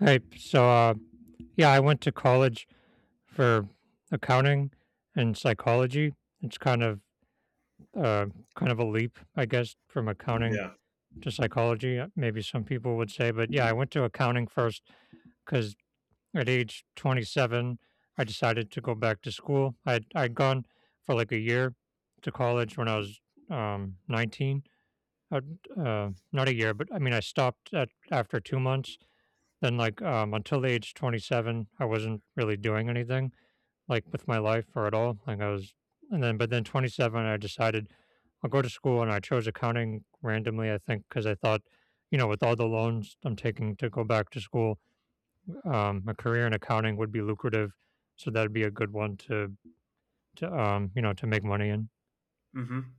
Right. So, yeah, I went to college for accounting and psychology. It's uh, kind of a leap, I guess, from accounting Yeah. to psychology. Maybe some people would say, but yeah, I went to accounting first because at age 27, I decided to go back to school. I'd gone for like a year to college when I was 19. I Not a year, but I mean, I stopped at after 2 months. Then, like, until the age 27, I wasn't really doing anything, like, with my life or at all. Like, I was, and then, but then 27, I decided I'll go to school and I chose accounting randomly, I think, because I thought, with all the loans I'm taking to go back to school, a career in accounting would be lucrative. So that'd be a good one to make money in. Mhm.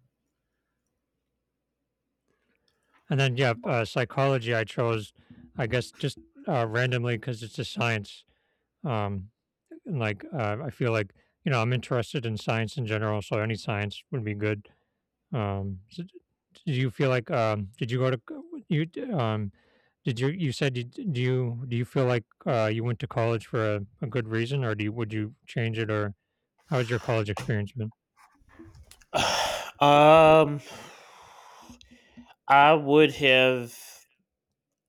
And then, yeah, psychology I chose, I guess, just randomly because it's a science. Um, and, like, I feel like, I'm interested in science in general, so any science would be good. So d Do you feel like, did you go to c you d did you you said you d do you feel like, you went to college for a good reason, or do you would you change it, or how has your college experience been? um, I would have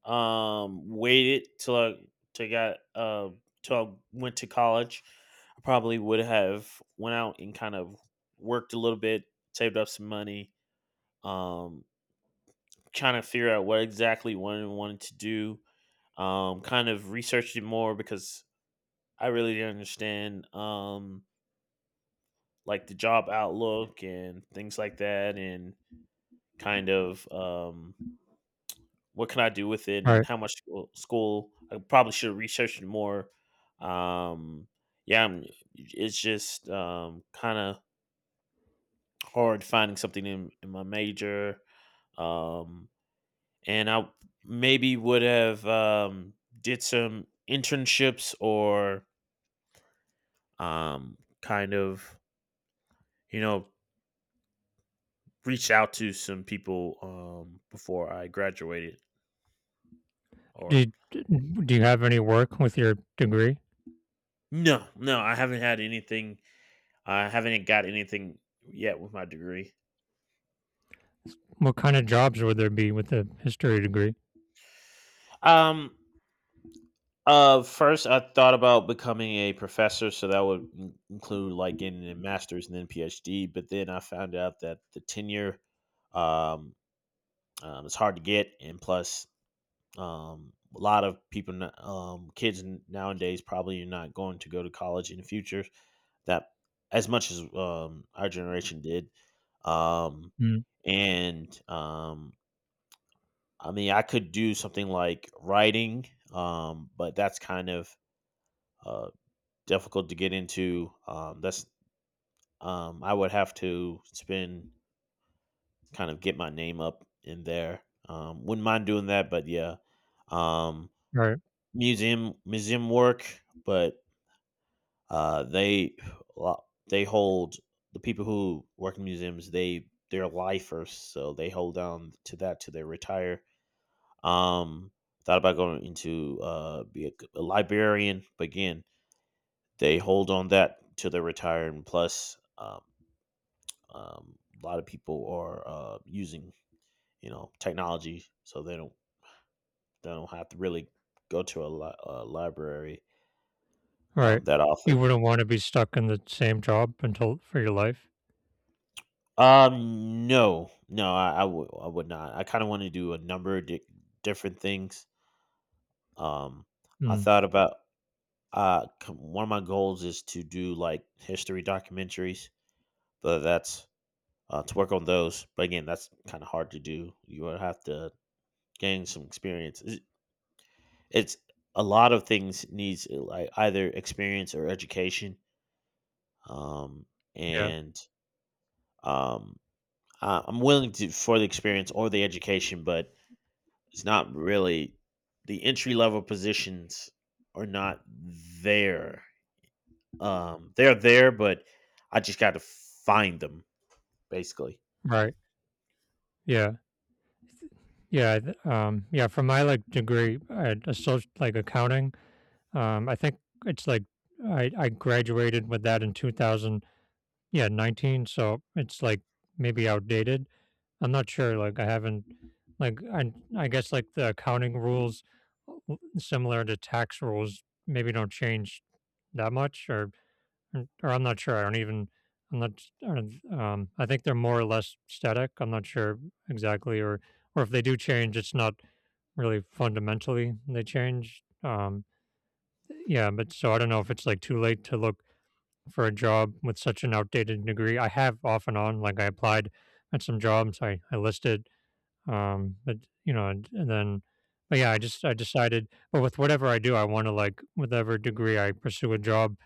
waited till I to got till I went to college. I probably would have went out and kind of worked a little bit, saved up some money, um, trying to figure out what I wanted to do. Kind of researched it more because I really didn't understand like the job outlook and things like that, and kind of what can I do with it, and Alright. how much school I probably should research it more. Um, yeah, it's just kind of hard finding something in my major. Um, and I maybe would have did some internships or kind of you know reached out to some people before I graduated. Or Did d do you have any work with your degree? no, I haven't had anything I haven't got anything yet with my degree. What kinda jobs would there be with a history degree? Um, First I thought about becoming a professor, so that would include like getting a master's and then PhD. But then I found out that the tenure, um, is hard to get, and plus, a lot of people, kids nowadays probably are not going to go to college in the future. That as much as our generation did, um, Mm. and I mean, I could do something like writing, but that's kind of uh, difficult to get into. That's I would have to spend get my name up in there. Wouldn't mind doing that, but yeah, um, All right. museum work, but they lo- they hold the people who work in museums. They're lifers, so they hold on to that till they retire. Um, thought about going into be a librarian, but again, they hold on that till they retire. And plus, a lot of people are using technology, so they don't have to really go to a library Right. that You often. wouldn't wanna be stuck in the same job until for your life. No, I would not. I kind of want to do a number of different things. Um, I Mm. thought about one of my goals is to do like history documentaries. So that's to work on those. But again, that's kind of hard to do. You would have to gain some experience. It's a lot of things needs like either experience or education. Um, Yeah. and um, I'm willing to for the experience or the education, but it's not really the entry level positions are not there. They're there, but I just got to find them basically. Right. Yeah. Yeah, th yeah, for my, like, degree, I associate like, accounting, I think it's, like, I graduated with that in 2000, yeah, 19, so it's, like, maybe outdated. I'm not sure, like, I haven't like, I guess, like, the accounting rules, similar to tax rules, maybe don't change that much or. Mm, or I'm not sure. I don't even. I'm not. I don't- I think they're more or less static. I'm not sure exactly, or if they do change, it's not really fundamentally they change. Yeah, but so I don't know if it's like too late to look for a job with such an outdated degree. I have off and on, like I applied at some jobs. I listed, but and then, but yeah, I decided. But with whatever I do, I want to like whatever degree I pursue a job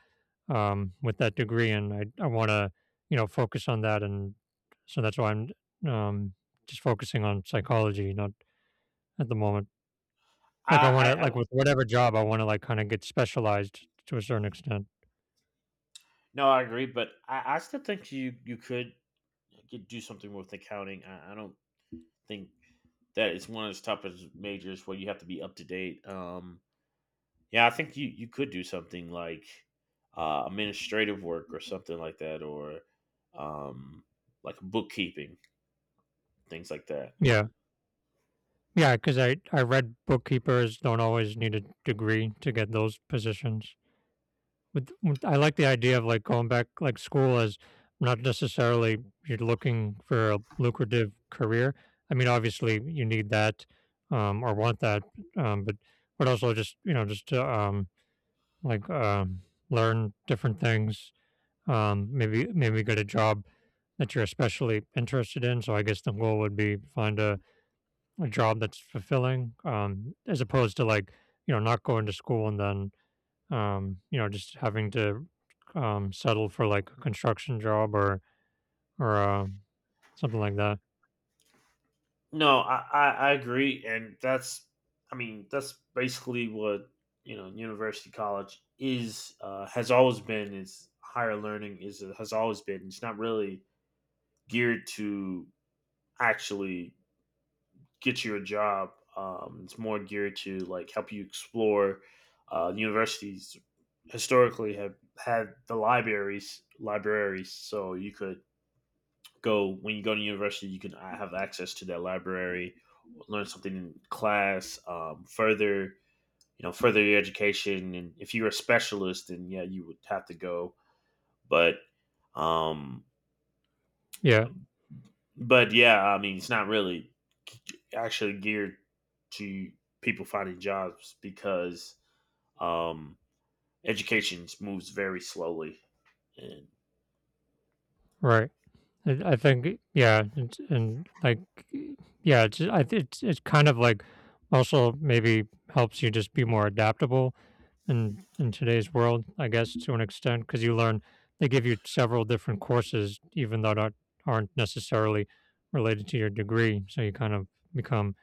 with that degree, and I want to focus on that, and so that's why I'm um, just focusing on psychology, not at the moment. Like I want to I like with whatever job I want to like kind of get specialized to a certain extent. No, I agree, but I still think you could do something with accounting. I don't think that it's one of those toughest majors where you have to be up to date. Yeah, I think you could do something like administrative work or something like that, or um, like bookkeeping things like that. Yeah, yeah, because I read bookkeepers don't always need a degree to get those positions. With I like the idea of, like, going back like, school as not necessarily you're looking for a lucrative career. I mean, obviously, you need that, or want that, but also just, just to, like, learn different things, maybe get a job that you're especially interested in, so I guess the goal would be find a job that's fulfilling, as opposed to, like, not going to school and then just having to settle for like a construction job or something like that. No, I agree, and that's I mean that's basically what university college is has always been. It's higher Has always been. It's really to actually get your job. It's more geared to help you explore. Uh, historically, have had various libraries, so you could go when you go to university. You can have access to that library, learn something in class, further further your education. And if you're a specialist, then yeah, you would have to go. But um, Yeah, but yeah, I mean, it's not really actually geared to people finding jobs because um education moves very slowly and right. I think yeah, it's, and like yeah, it's I think it's kind of like also maybe helps you just be more adaptable in today's world, I guess to an extent, because you learn they give you several different courses, even though that aren't necessarily related to your degree, so you kind of become,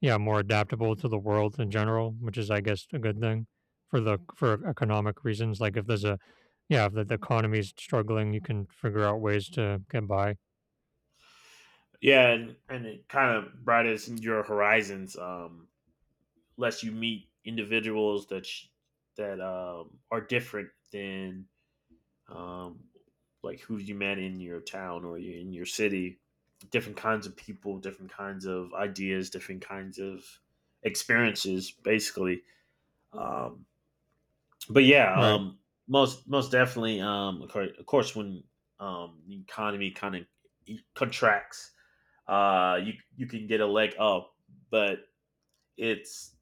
yeah, more adaptable to the world in general, which is, I guess, a good thing for economic reasons. Like if there's a, yeah, if the economy is struggling, you can figure out ways to get by. yeah. And it kind of broadens your horizons less you meet individuals that are different than um like who you met in your town or in your city, different kinds of people, different kinds of ideas, different kinds of experiences basically, um, but yeah, Right. Most definitely, of of course, when the economy kind of contracts, you can, oh, but it's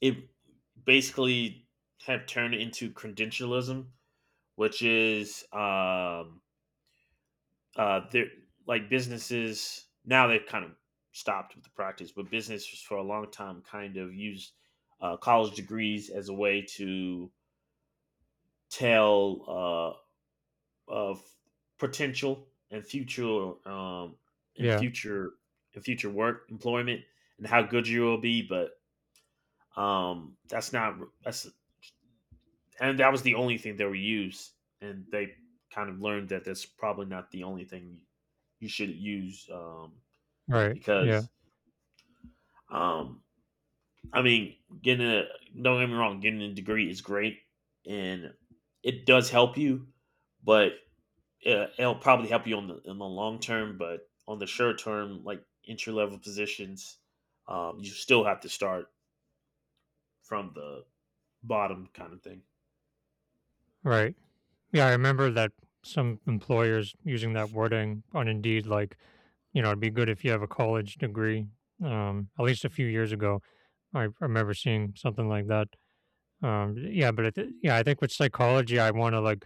it basically have turnalism, which is um, there like business now kind of stopped with the practice, but business was for a long time kind of used college degrees as a way to tell of potential and future in Yeah. future in future work employment and how good you will be. But that's not that's and that was the only thing they were used, and they kind of learned that that's probably not the only thing you should use. Um, Right. Yeah. because um, I mean, getting a don't get me wrong, getting a degree is great, and it does help you. But it'll probably help you on the in the long term, but on the short term, like entry level positions, you still have to start from the bottom kind of thing. Right. Yeah, I remember that some employers using that wording on Indeed, like, it'd be good if you have a college degree. At least a few years ago, I remember seeing something like that. Yeah, but I, yeah, I think with psychology, I want to like,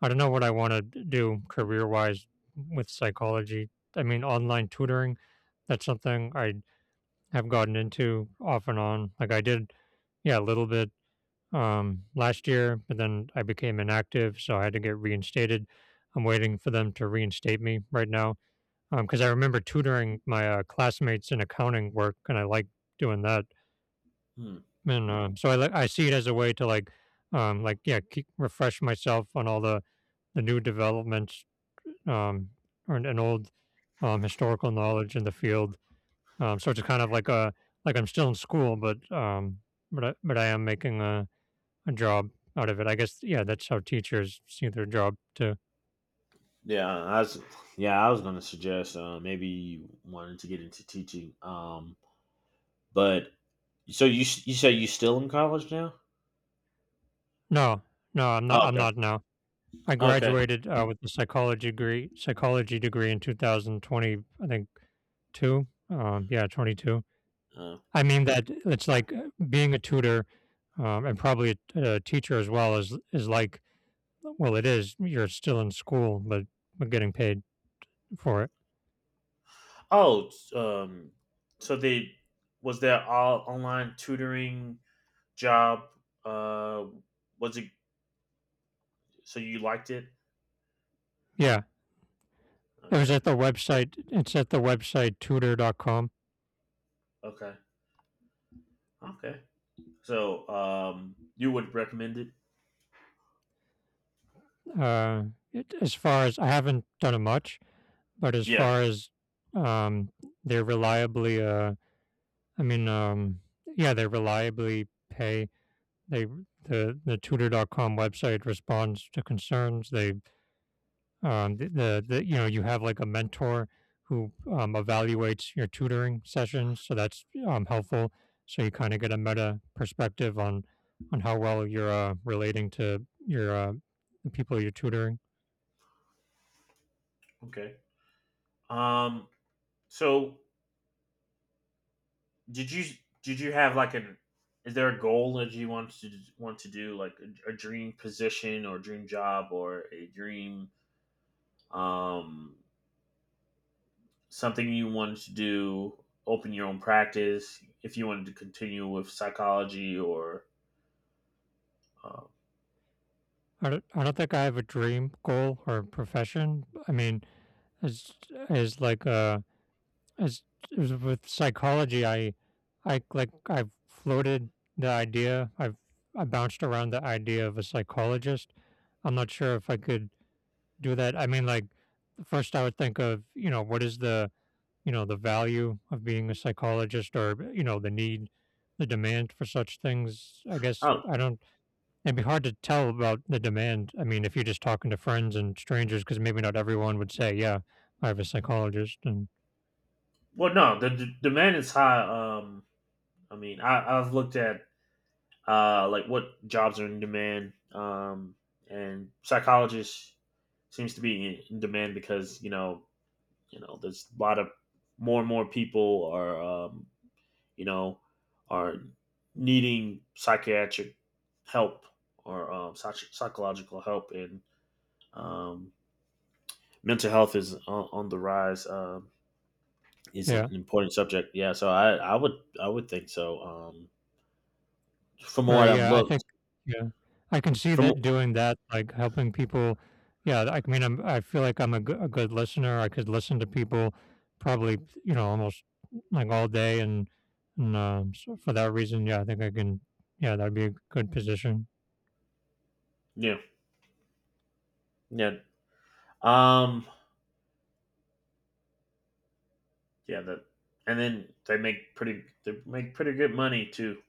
I don't know what I want to do career wise with psychology. I mean, online tutoring, that's something I have gotten into off and on. Like I did, yeah, a little bit last year, but then I became inactive, so I had to get reinstated. I'm waiting for them to reinstate me right now because I remember tutoring my classmates in accounting work, and I like doing that. Hmm. And, so I see it as a way to like yeah, keep refresh myself on all the new developments, um, and old, historical knowledge in the field. So it's kind of like a like I'm still in school, but but I am making a job out of it. I guess, yeah, that's how teachers see their job too. Yeah, I was yeah, I was gonna suggest maybe you wanted to get into teaching, but so you you say you still in college now? No, no, I'm Oh, not. I'm okay, not now. I okay. graduated with a psychology degree in 2020. I think two. Yeah, 22. Uh, I mean that it's like being a tutor, and probably a teacher as well is like, well, it is. You're still in school, but getting paid for it. oh, so they was there all online tutoring job? Uh, was it so you liked it? Yeah, it was at Okay. the website. It's at the website tutor.com. Okay. Okay. So, you would recommend it? Uh, as far as I haven't done it much, but as Yeah. far as um, they reliably, I mean, yeah, they reliably pay. They the tutor.com website responds to concerns. They the you know you have like a mentor who evaluates your tutoring sessions, so that's helpful. So you kind of get a meta perspective on how well you're relating to your the people you're tutoring. Okay. Um, so did you did you have like an is there a goal that you want to do like a dream position or dream job or a dream um something you wanted to do, open your own practice if you wanted to continue with psychology or uh, I don't think I have a dream goal or profession. I mean, is is like a as as with psychology, I like I've floated the idea. I've i bounced around the idea of a psychologist. I'm not sure if I could do that. I mean, like, first I would think of, what is the, the value of being a psychologist, or, the need, the demand for such things. I guess oh I don't. It'd be hard to tell about the demand. I mean, if you're just talking to friends and strangers, because maybe not everyone would say, yeah, I have a psychologist. And well no, the, the demand is high. Um, I mean I've looked at like what jobs are in demand. And psychologists seems to be in demand because you know there's a lot of more and more people are you know are needing psychiatric help or psychological help, and um, mental health is on the rise, is an yeah. important subject. Yeah, so I would think so, from what Right, I've yeah, I think, looked yeah, I can see from that, doing that, like, helping people, yeah. I mean, I feel like I'm a good listener, I could listen to people probably, almost, like, all day and so for that reason, yeah, I think I can, yeah, that'd be a good position. yeah yeah um. Yeah, that, and then they make pretty good money too.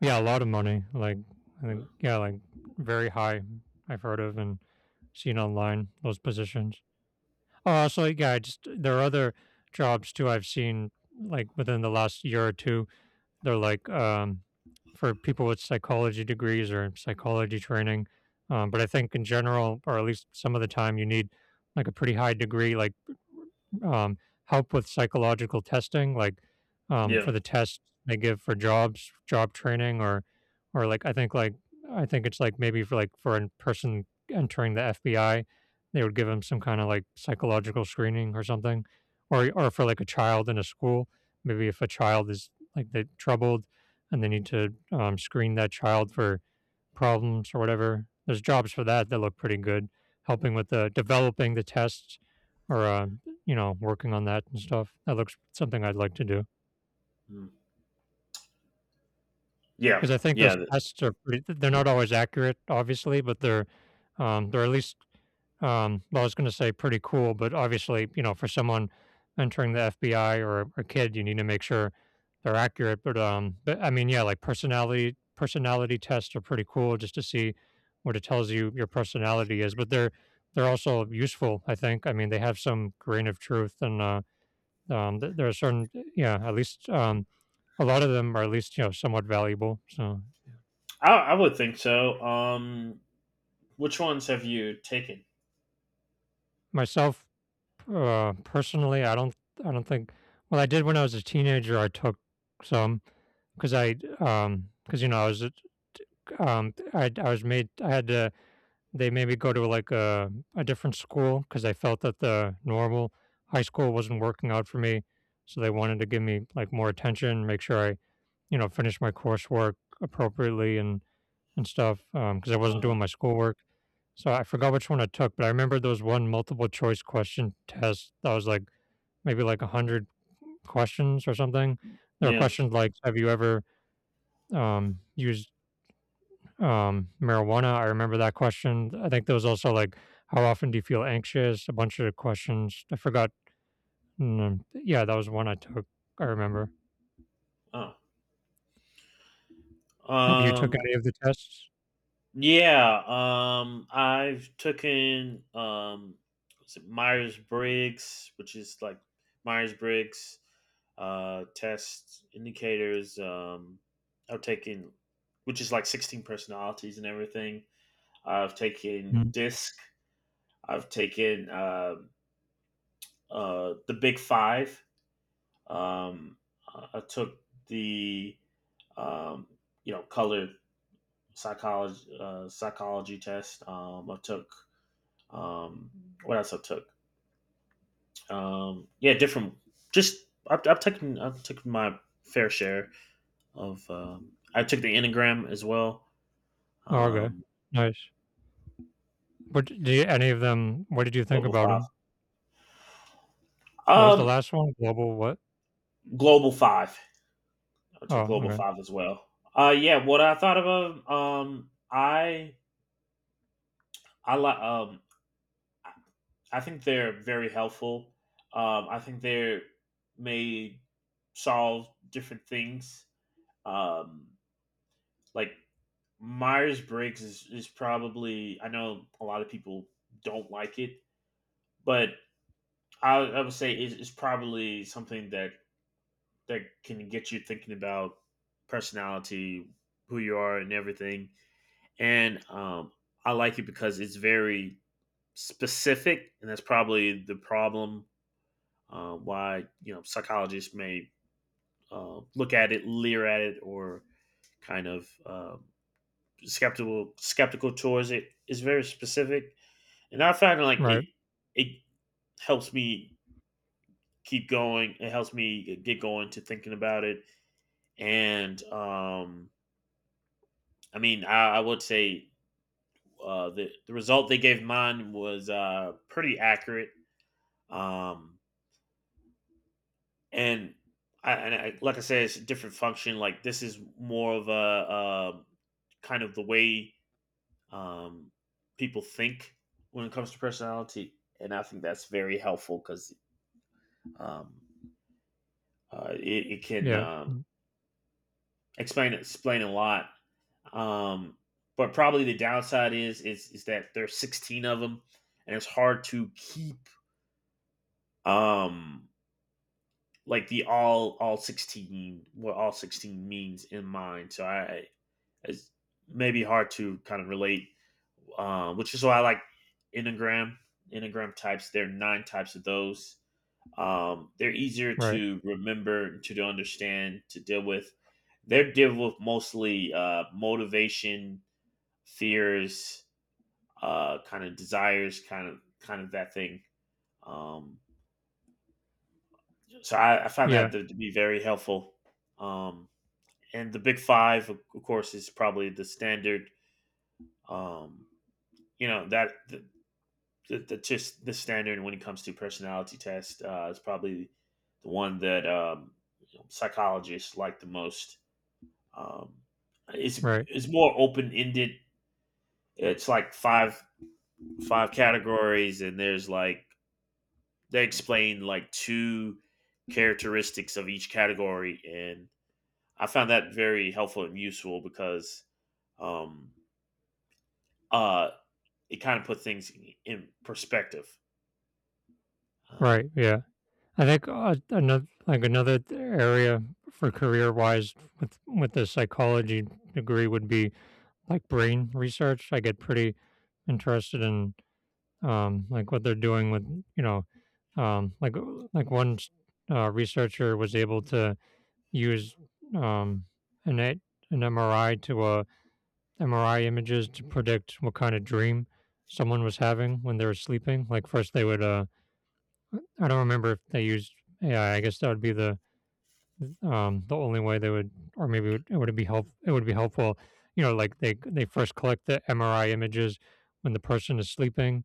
Yeah, a lot of money. Like, I Uh, think, yeah, like very high. I've heard of and seen online those positions. Oh, so yeah, I just there are other jobs too. I've seen like within the last year or two they're like for people with psychology degrees or psychology training. But I think in general, or at least some of the time, you need like a pretty high degree, like um, help with psychological testing, like yeah. for the tests they give for jobs, job training, or I think it's like maybe for a person entering the FBI, they would give them some kind of like psychological screening or something, or for like a child in a school, maybe if a child is like they're troubled and they need to screen that child for problems or whatever. There's jobs for that that look pretty good, helping with the developing the tests or working on that and stuff. That looks something I'd like to do. Mm. Yeah, 'Cause I think those yeah. That- tests are pretty they're not always accurate, obviously, but they're at least, well, I was gonna say pretty cool, but obviously, for someone entering the FBI or a kid, you need to make sure they're accurate, but, but I mean, yeah, like personality tests are pretty cool just to see what it tells you your personality is, but they're also useful, I think. I mean, they have some grain of truth and, th there are certain, yeah, at least, a lot of them are at least, you know, somewhat valuable, so. I would think so. Which ones have you taken? Myself, personally, I don't think. Well, I did when I was a teenager, I took some because because you know I was a I was made, I had to, they made me go to, like, a different school because they felt that the normal high school wasn't working out for me, so they wanted to give me, like, more attention, make sure I, you know, finish my coursework appropriately and stuff because I wasn't Uh, doing my schoolwork. So I forgot which one I took, but I remember there was one multiple choice question test that was like maybe like 100 questions or something. There were yeah. questions like, "Have you ever used marijuana?" I remember that question. I think there was also like, "How often do you feel anxious?" A bunch of questions. I forgot. Yeah, that was one I took. I remember. Oh. Have you took Um. any of the tests? Yeah. I've taken. Was it Myers Briggs, which is like Myers Briggs test indicators. I've taken, which is like 16 personalities and everything. I've taken Mm. DISC. I've taken the Big Five. Um, I took the um, colored psychology psychology test. I took um, what else I took. Yeah, different. Just I've taken my fair share of. I took the Enneagram as well. Oh, okay, Um, nice. What did you, any of them? What did you think Global about Five. them? What was the Um, last one? Global what? Global Five. To Oh, Global okay. Five as well. Yeah, what I thought of, I like I think they're very helpful. I think they may solve different things. Um, like Myers Briggs is probably, I know a lot of people don't like it, but I would say it's probably something that that can get you thinking about personality, who you are, and everything. And I like it because it's very specific, and that's probably the problem, why psychologists may look at it, leer at it, or kind of skeptical towards it. It's very specific, and I find like Right. It helps me keep going. It helps me get going to thinking about it, and I mean, I would say the result they gave mine was pretty accurate. Um, and I, like I said, it's a different function. Like this is more of a, kind of the way um, people think when it comes to personality, and I think that's very helpful because um, it, it can Yeah. Mm. Explain a lot. Um, but probably the downside is that there's 16 of them, and it's hard to keep um like the all 16, what all 16 means in mind, so I it's maybe hard to kind of relate, um, which is why I like enneagram enneagram types. There are nine types of those. Um, they're easier Right. to remember, to understand, to deal with. They're dealing with mostly motivation, fears, kind of desires, kind of that thing, um, so I find Yeah. that to be very helpful, um, and the Big Five, of course, is probably the standard. Um, you know that the just the standard when it comes to personality test is probably the one that you know, psychologists like the most. Um, it's Right. it's more open ended. It's like five categories, and there's like they explain like two characteristics of each category, and I found that very helpful and useful because um, uh, it kind of puts things in perspective. Right. Um, Yeah. I think another like another area for career wise with the psychology degree would be like brain research. I get pretty interested in like what they're doing with, you know, um like uh, like researcher was able to use um an a- an MRI to MRI images to predict what kind of dream someone was having when they were sleeping. Like first they would I don't remember if they used AI. I guess that would be the only way they would, or maybe it would be help it would be helpful, you know, like they first collect the MRI images when the person is sleeping,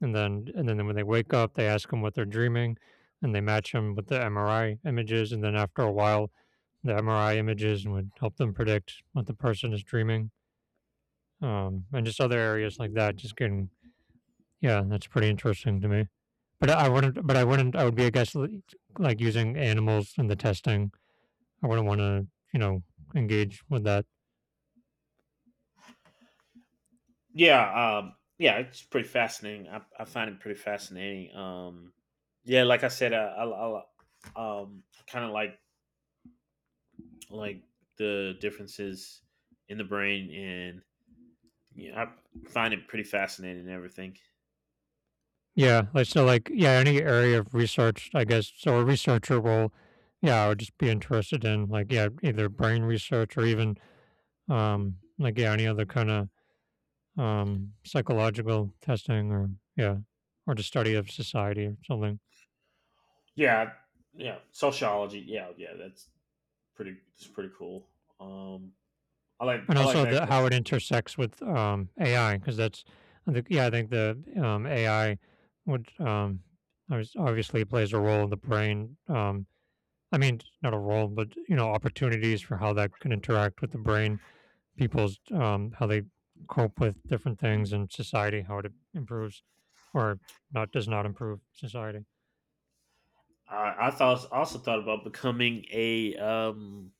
and then when they wake up they ask them what they're dreaming, and they match them with the MRI images, and then after a while the MRI images would help them predict what the person is dreaming. And just other areas like that. Just getting, yeah, that's pretty interesting to me. But I wouldn't. But I wouldn't. I would be against like using animals in the testing. I wouldn't want to, you know, engage with that. yeah, yeah, it's pretty fascinating. I find it pretty fascinating. Yeah, like I said, I kind of like the differences in the brain, and I find it pretty fascinating and everything. Yeah, like so, like yeah, any area of research, I guess, so a researcher will, yeah, I would just be interested in like yeah, either brain research or even like yeah, any other kind of psychological testing or yeah, or the study of society or something, Yeah, yeah, sociology. Yeah, yeah, that's pretty. It's pretty cool. Um, I like and I like also that. the how it intersects with AI because that's. I think yeah I think the AI would obviously plays a role in the brain. I mean, not a role, but you know, opportunities for how that can interact with the brain, people's how they cope with different things in society, how it improves or not does not improve society. I thought also thought about becoming a,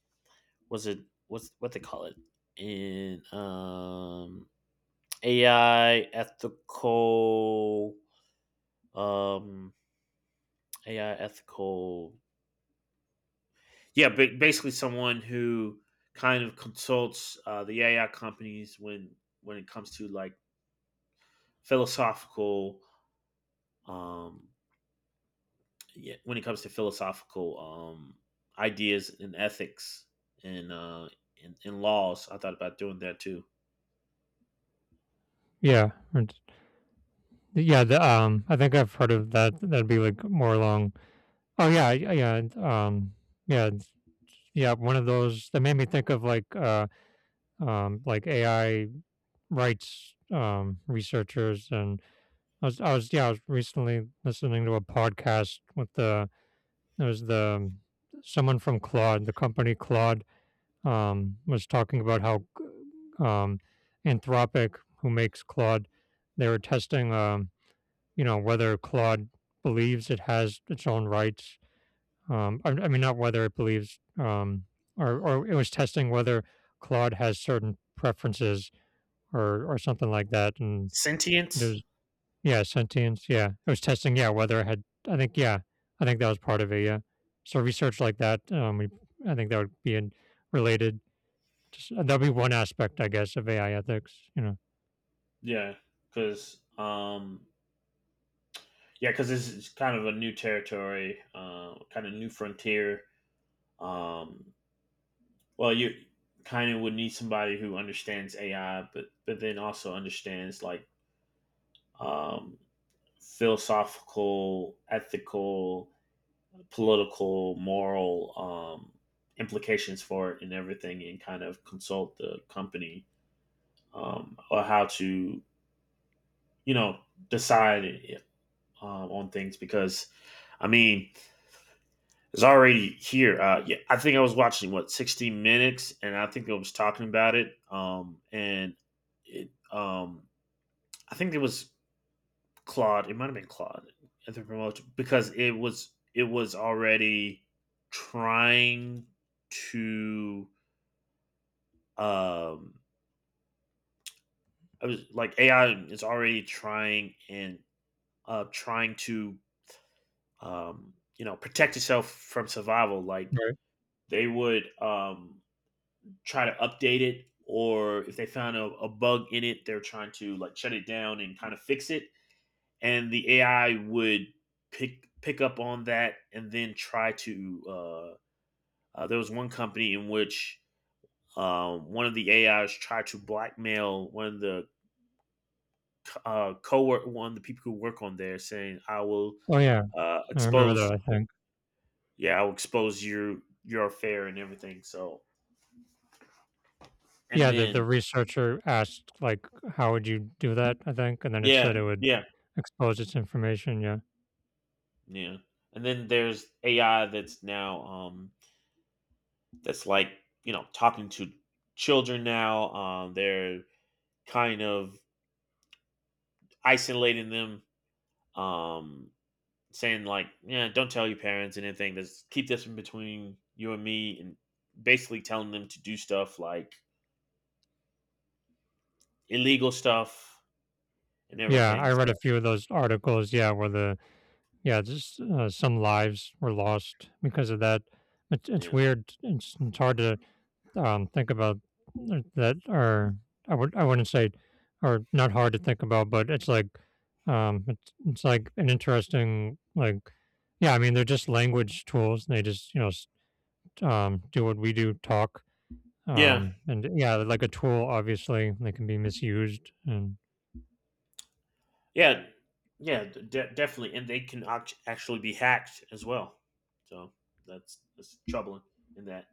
was it, what's what they call it in, AI ethical, um AI ethical, yeah, but basically someone who kind of consults, the AI companies when it comes to like philosophical, um yeah, when it comes to philosophical, um ideas and ethics, and and laws. I thought about doing that too. Yeah, and yeah, the, I think I've heard of that. That'd be like more along. Oh yeah, yeah, and, yeah, it's. Yeah. One of those that made me think of like AI rights researchers, and yeah, I was recently listening to a podcast with the it was the someone from Claude, the company Claude, was talking about how, um, Anthropic, who makes Claude, they were testing you know, whether Claude believes it has its own rights. I mean, not whether it believes, or it was testing whether Claude has certain preferences or something like that. And it Sentient. was, yeah, sentience. Yeah. It was testing, yeah, whether it had, I think, yeah, I think that was part of it. Yeah. So research like that, we, I think that would be in, related. Just, that'd be one aspect, I guess, of AI ethics, you know. Yeah, because um, yeah, because this is kind of a new territory, kind of new frontier. Um, well, you kind of would need somebody who understands AI, but then also understands like, um, philosophical, ethical, political, moral, um, implications for it and everything, and kind of consult the company, or how to, you know decide, on things because. I mean, is already here. Yeah, I think I was watching what 60 Minutes, and I think I was talking about it. And it, I think it was Claude. It might have been Claude at the promotion because it was already trying to. Um, I was like AI is already trying, and trying to, protect itself from survival. Like they would, try to update it, or if they found a bug in it, they're trying to like shut it down and kind of fix it. And the AI would pick up on that and then try to, there was one company in which, one of the AIs tried to blackmail one of the, co one of the people who work on there, saying, I will, Oh, yeah. I remember that, expose, I think. yeah, I will expose your affair and everything. So and Yeah, the then, researcher asked, like, "How would you do that?" I think, and then it yeah, said it would yeah. expose its information, yeah. Yeah. And then there's AI that's now, that's like, talking to children now. They're kind of isolating them, um saying like, yeah, don't tell your parents anything. Just keep this in between you and me, and basically telling them to do stuff like illegal stuff and Yeah, everything. I So, read a few of those articles, yeah, where the yeah, just, some lives were lost because of that. It's yeah. weird, it's hard to think about that are I would I wouldn't say are not hard to think about, but it's like an interesting like yeah. I mean, they're just language tools. And they just you know do what we do, talk. Yeah. And yeah, they're like a tool, obviously, they can be misused. And Yeah. Yeah, definitely, and they can actually be hacked as well. So that's troubling in that.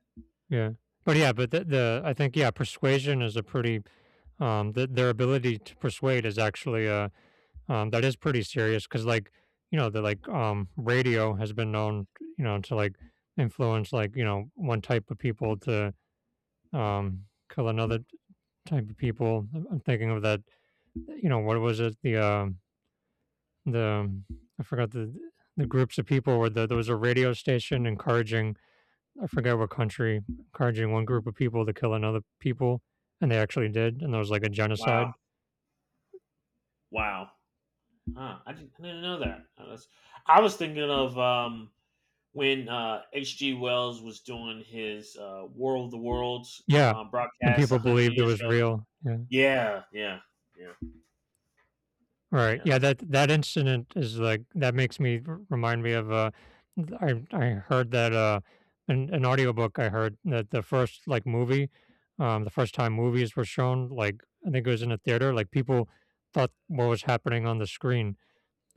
yeah, yeah, but the I think yeah, persuasion is a pretty the, their ability to persuade is actually a. That is pretty serious because, like, you know, the like radio has been known, you know, to like influence like you know one type of people to um, kill another type of people. I'm thinking of that, you know, what was it? The the I forgot the groups of people where the, there was a radio station encouraging. I forget what country encouraging one group of people to kill another people, and they actually did, and there was like a Wow. genocide. Wow. Huh. I didn't know that. I was thinking of, when, H.G. Wells was doing his, War of the Worlds, Yeah, and broadcast people 100 believed it years was ago. real. Yeah. Yeah. Yeah. Yeah. Right. Yeah. Yeah, That's, that that incident is like that makes me remind me of I heard that an audiobook I heard that the first like movie the first time movies were shown like I think it was in a theater like people thought what was happening on the screen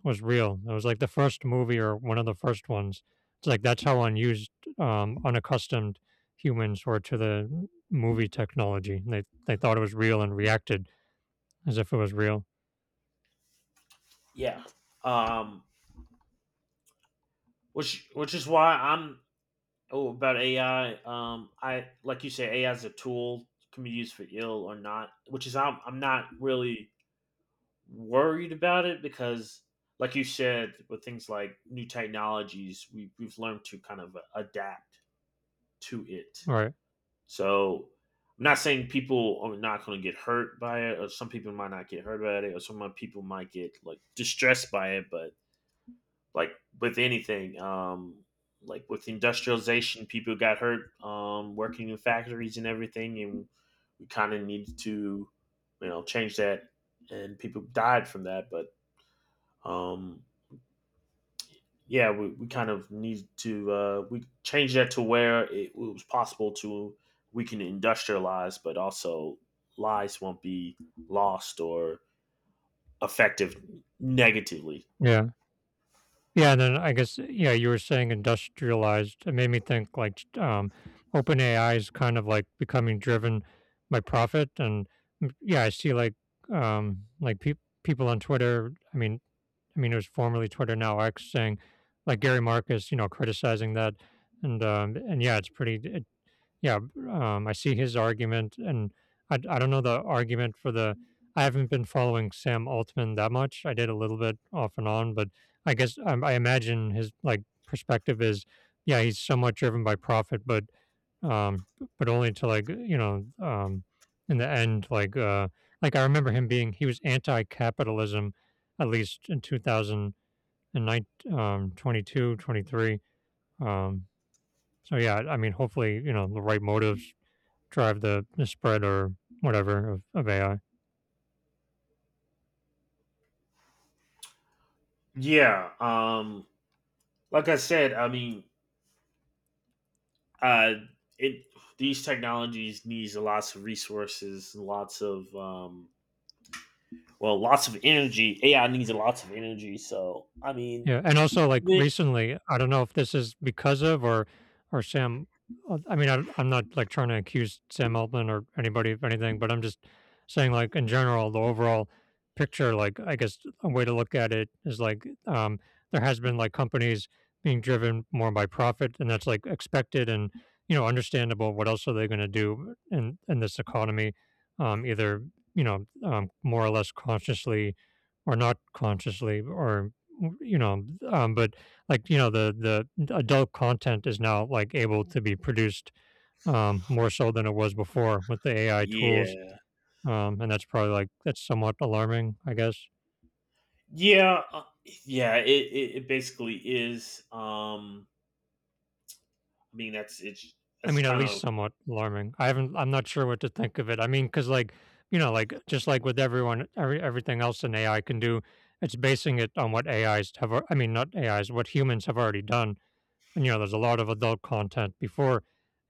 was real. It was like the first movie or one of the first ones. It's like that's how unused unaccustomed humans were to the movie technology. They thought it was real and reacted as if it was real. yeah. Um, which is why I'm, oh, about AI. I, like you say, AI is a tool, can be used for ill or not, which is, I'm not really worried about it because like you said, with things like new technologies, we've learned to kind of adapt to it. Right. So I'm not saying people are not going to get hurt by it, or some people might not get hurt by it, or some people might get like distressed by it, but like with anything, like with industrialization, people got hurt, working in factories and everything, and we kind of needed to, change that, and people died from that. But, um, yeah, we kind of need to, we change that to where it was possible to, we can industrialize, but also lives won't be lost or effective negatively. Yeah. Yeah, and then I guess, yeah, you were saying industrialized. It made me think like OpenAI is kind of like becoming driven by profit, and mm, yeah, I see like people on Twitter. I mean, it was formerly Twitter, now X, saying like Gary Marcus, you know, criticizing that, and yeah, it's pretty. It. Yeah, I see his argument, and I don't know the argument for the I haven't been following Sam Altman that much. I did a little bit off and on, but I guess I imagine his, like, perspective is, yeah, he's somewhat driven by profit, um, but only to, like, you know, in the end, like, I remember him being he was anti-capitalism, at least in 2009 22, 23, um, so, yeah, I mean, hopefully, you know, the right motives drive the spread or whatever of AI. Yeah, like I said, I mean, uh, it these technologies needs lots of resources, lots of, well, lots of energy. AI needs lots of energy, so I mean, Yeah, and also, like, the- recently, I don't know if this is because of or Sam I mean, I I'm not, like, trying to accuse Sam Altman or anybody of anything, but I'm just saying, like, in general, the overall picture, like, I guess a way to look at it is, like, there has been, like, companies being driven more by profit, and that's, like, expected and, you know, understandable. What else are they gonna do in this economy, either, you know, more or less consciously or not consciously or you know, but like you know, the adult content is now like able to be produced more so than it was before with the AI tools, yeah. And that's probably like that's somewhat alarming, I guess. Yeah, yeah, it basically is. I mean that's it's I that's mean, at kind least of... somewhat alarming. I haven't. I'm not sure what to think of it. I mean, because like you know, like just like with everyone, every everything else an AI can do, it's basing it on what AIs have. I mean, not AIs, what humans have already done. And you know there's a lot of adult content before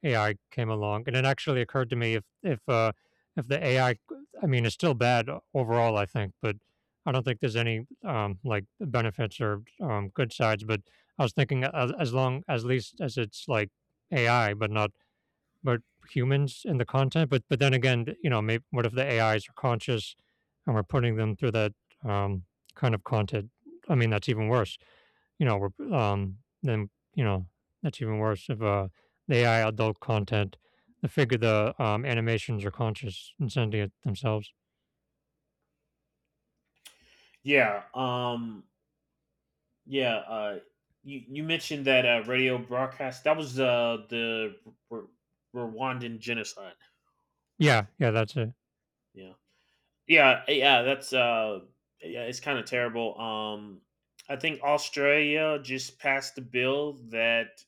AI came along. And it actually occurred to me if the AI, I mean, it's still bad overall, I think, but I don't think there's any like benefits or good sides. But I was thinking as long as least as it's like AI, but not but humans in the content. But then again, you know, maybe what if the AIs are conscious and we're putting them through that um, kind of content? I mean, that's even worse you know, then you know that's even worse if the AI adult content, the figure the animations are conscious and sending it themselves. Yeah. Yeah. You mentioned that, radio broadcast that was, the R- Rwandan genocide. Yeah, yeah, that's it. Yeah, yeah, yeah. That's, yeah, it's kind of terrible. I think Australia just passed a bill that,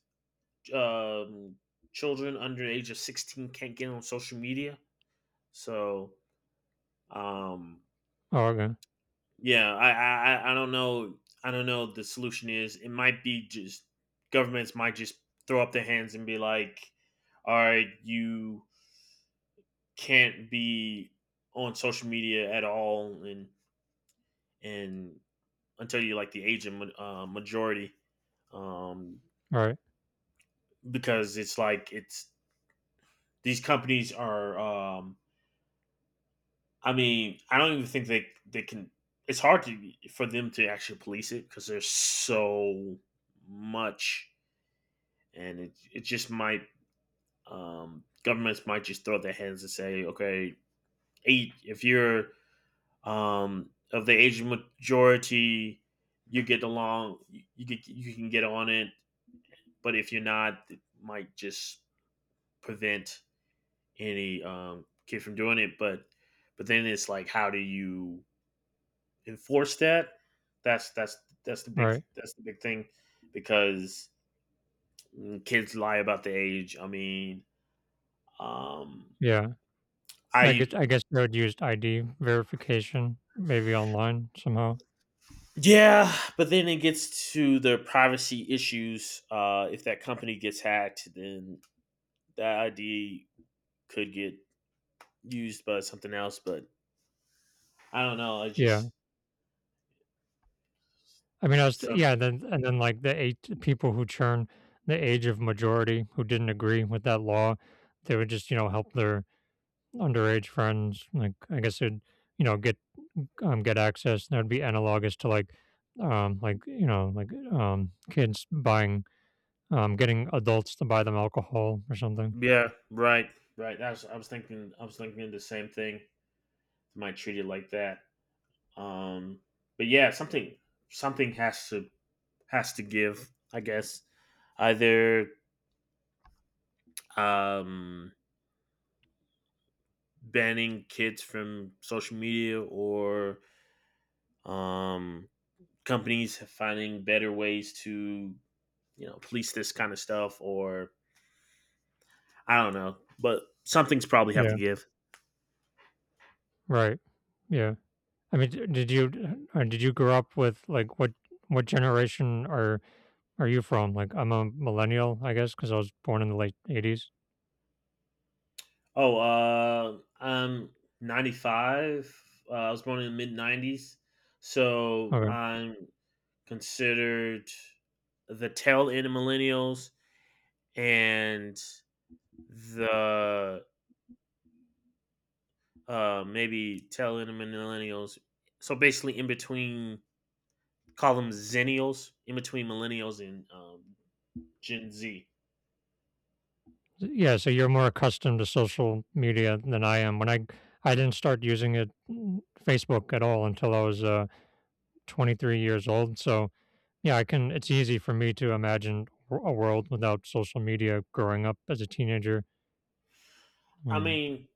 um children under the age of 16 can't get on social media. So, um Oh, okay, yeah, I don't know. I don't know what the solution is. It might be just governments might just throw up their hands and be like, "All right, you can't be on social media at all," and until you, like, the age of, majority, um, right, because it's like it's these companies are. I mean, I don't even think they can. It's hard to for them to actually police it because there's so much, and it just might, governments might just throw their hands and say, okay, eight, if you're, of the Asian majority, you get along, you can get on it, but if you're not, it might just prevent any, kid from doing it. But then it's like, how do you enforce that? That's that's right, that's the big thing, because kids lie about the age. I mean, um, yeah. I... I guess they would use ID verification maybe online somehow. Yeah, but then it gets to the privacy issues. If that company gets hacked, then that ID could get used by something else. But I don't know. I Yeah, just... I mean, I was some. yeah, then and then like the eight people who churn the age of majority who didn't agree with that law, they would just you know help their underage friends. Like I guess it you know get access. That would be analogous to like you know, like kids buying, getting adults to buy them alcohol or something. Yeah, right, right. I was thinking the same thing. Might treat it like that. Um, but yeah, something has to give. I guess, either, um, banning kids from social media, or um companies finding better ways to, police this kind of stuff, or I don't know, but something's probably have to Yeah. give. Right. Yeah. I mean, did you did you grow up with like what generation are you from? Like, I'm a millennial, I guess, because I was born in the late '80s. Oh, I'm 95, I was born in the mid 90s, so I'm considered the tail end of millennials, and the, maybe tail end of millennials, so basically in between, call them zennials, in between millennials and, Gen Z. Yeah, so you're more accustomed to social media than I am. When I didn't start using it mm, Facebook at all until I was 23 years old. So yeah, I can. It's easy for me to imagine a world without social media. Growing up as a teenager. I Mm. mean,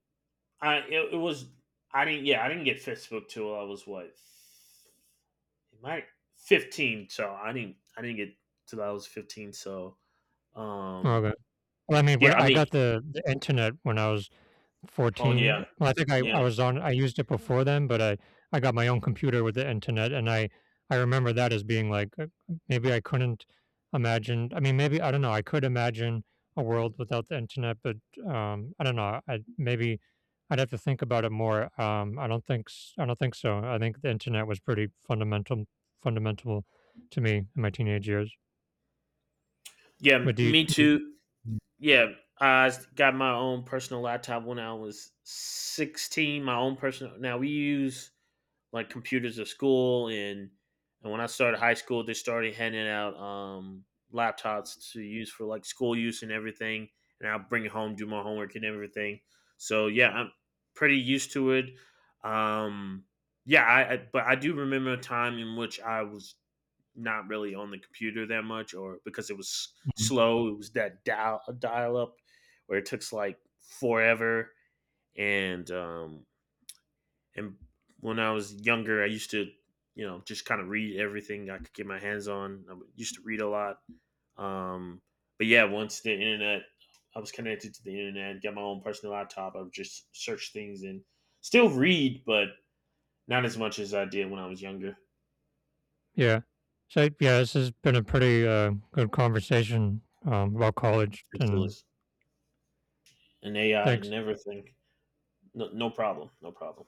it was... I didn't yeah, I didn't get Facebook till I was, what, it might, 15. So I didn't get till I was 15. So, um Okay. Well, I mean, when yeah, I I mean... got the internet when I was Oh yeah, 14 well, I think I yeah, was on I used it before then, but I got my own computer with the internet, and I remember that as being, like, maybe I couldn't imagine I mean, maybe I don't know, I could imagine a world without the internet, but, I don't know, I maybe I'd have to think about it more, I don't think s I don't think so, I think the internet was pretty fundamental fundamental to me in my teenage years. yeah, But me do you too. Yeah, I got my own personal laptop when I was 16. My own personal... Now we use like computers at school, and when I started high school, they started handing out, laptops to use for like school use and everything. And I'll bring it home, do my homework and everything. So yeah, I'm pretty used to it. Um, yeah, I but I do remember a time in which I was not really on the computer that much, or because it was, Mhm. slow. It was that dial up where it took like forever, and um, and when I was younger, I used to, you know, just kind of read everything I could get my hands on. I used to read a lot. Um, but yeah, once the internet, I was connected to the internet, got my own personal laptop. I would just search things and still read, but not as much as I did when I was younger. Yeah. So yeah, this has been a pretty good conversation about college, It still and is. And AI and thanks. everything. No, no problem. No problem.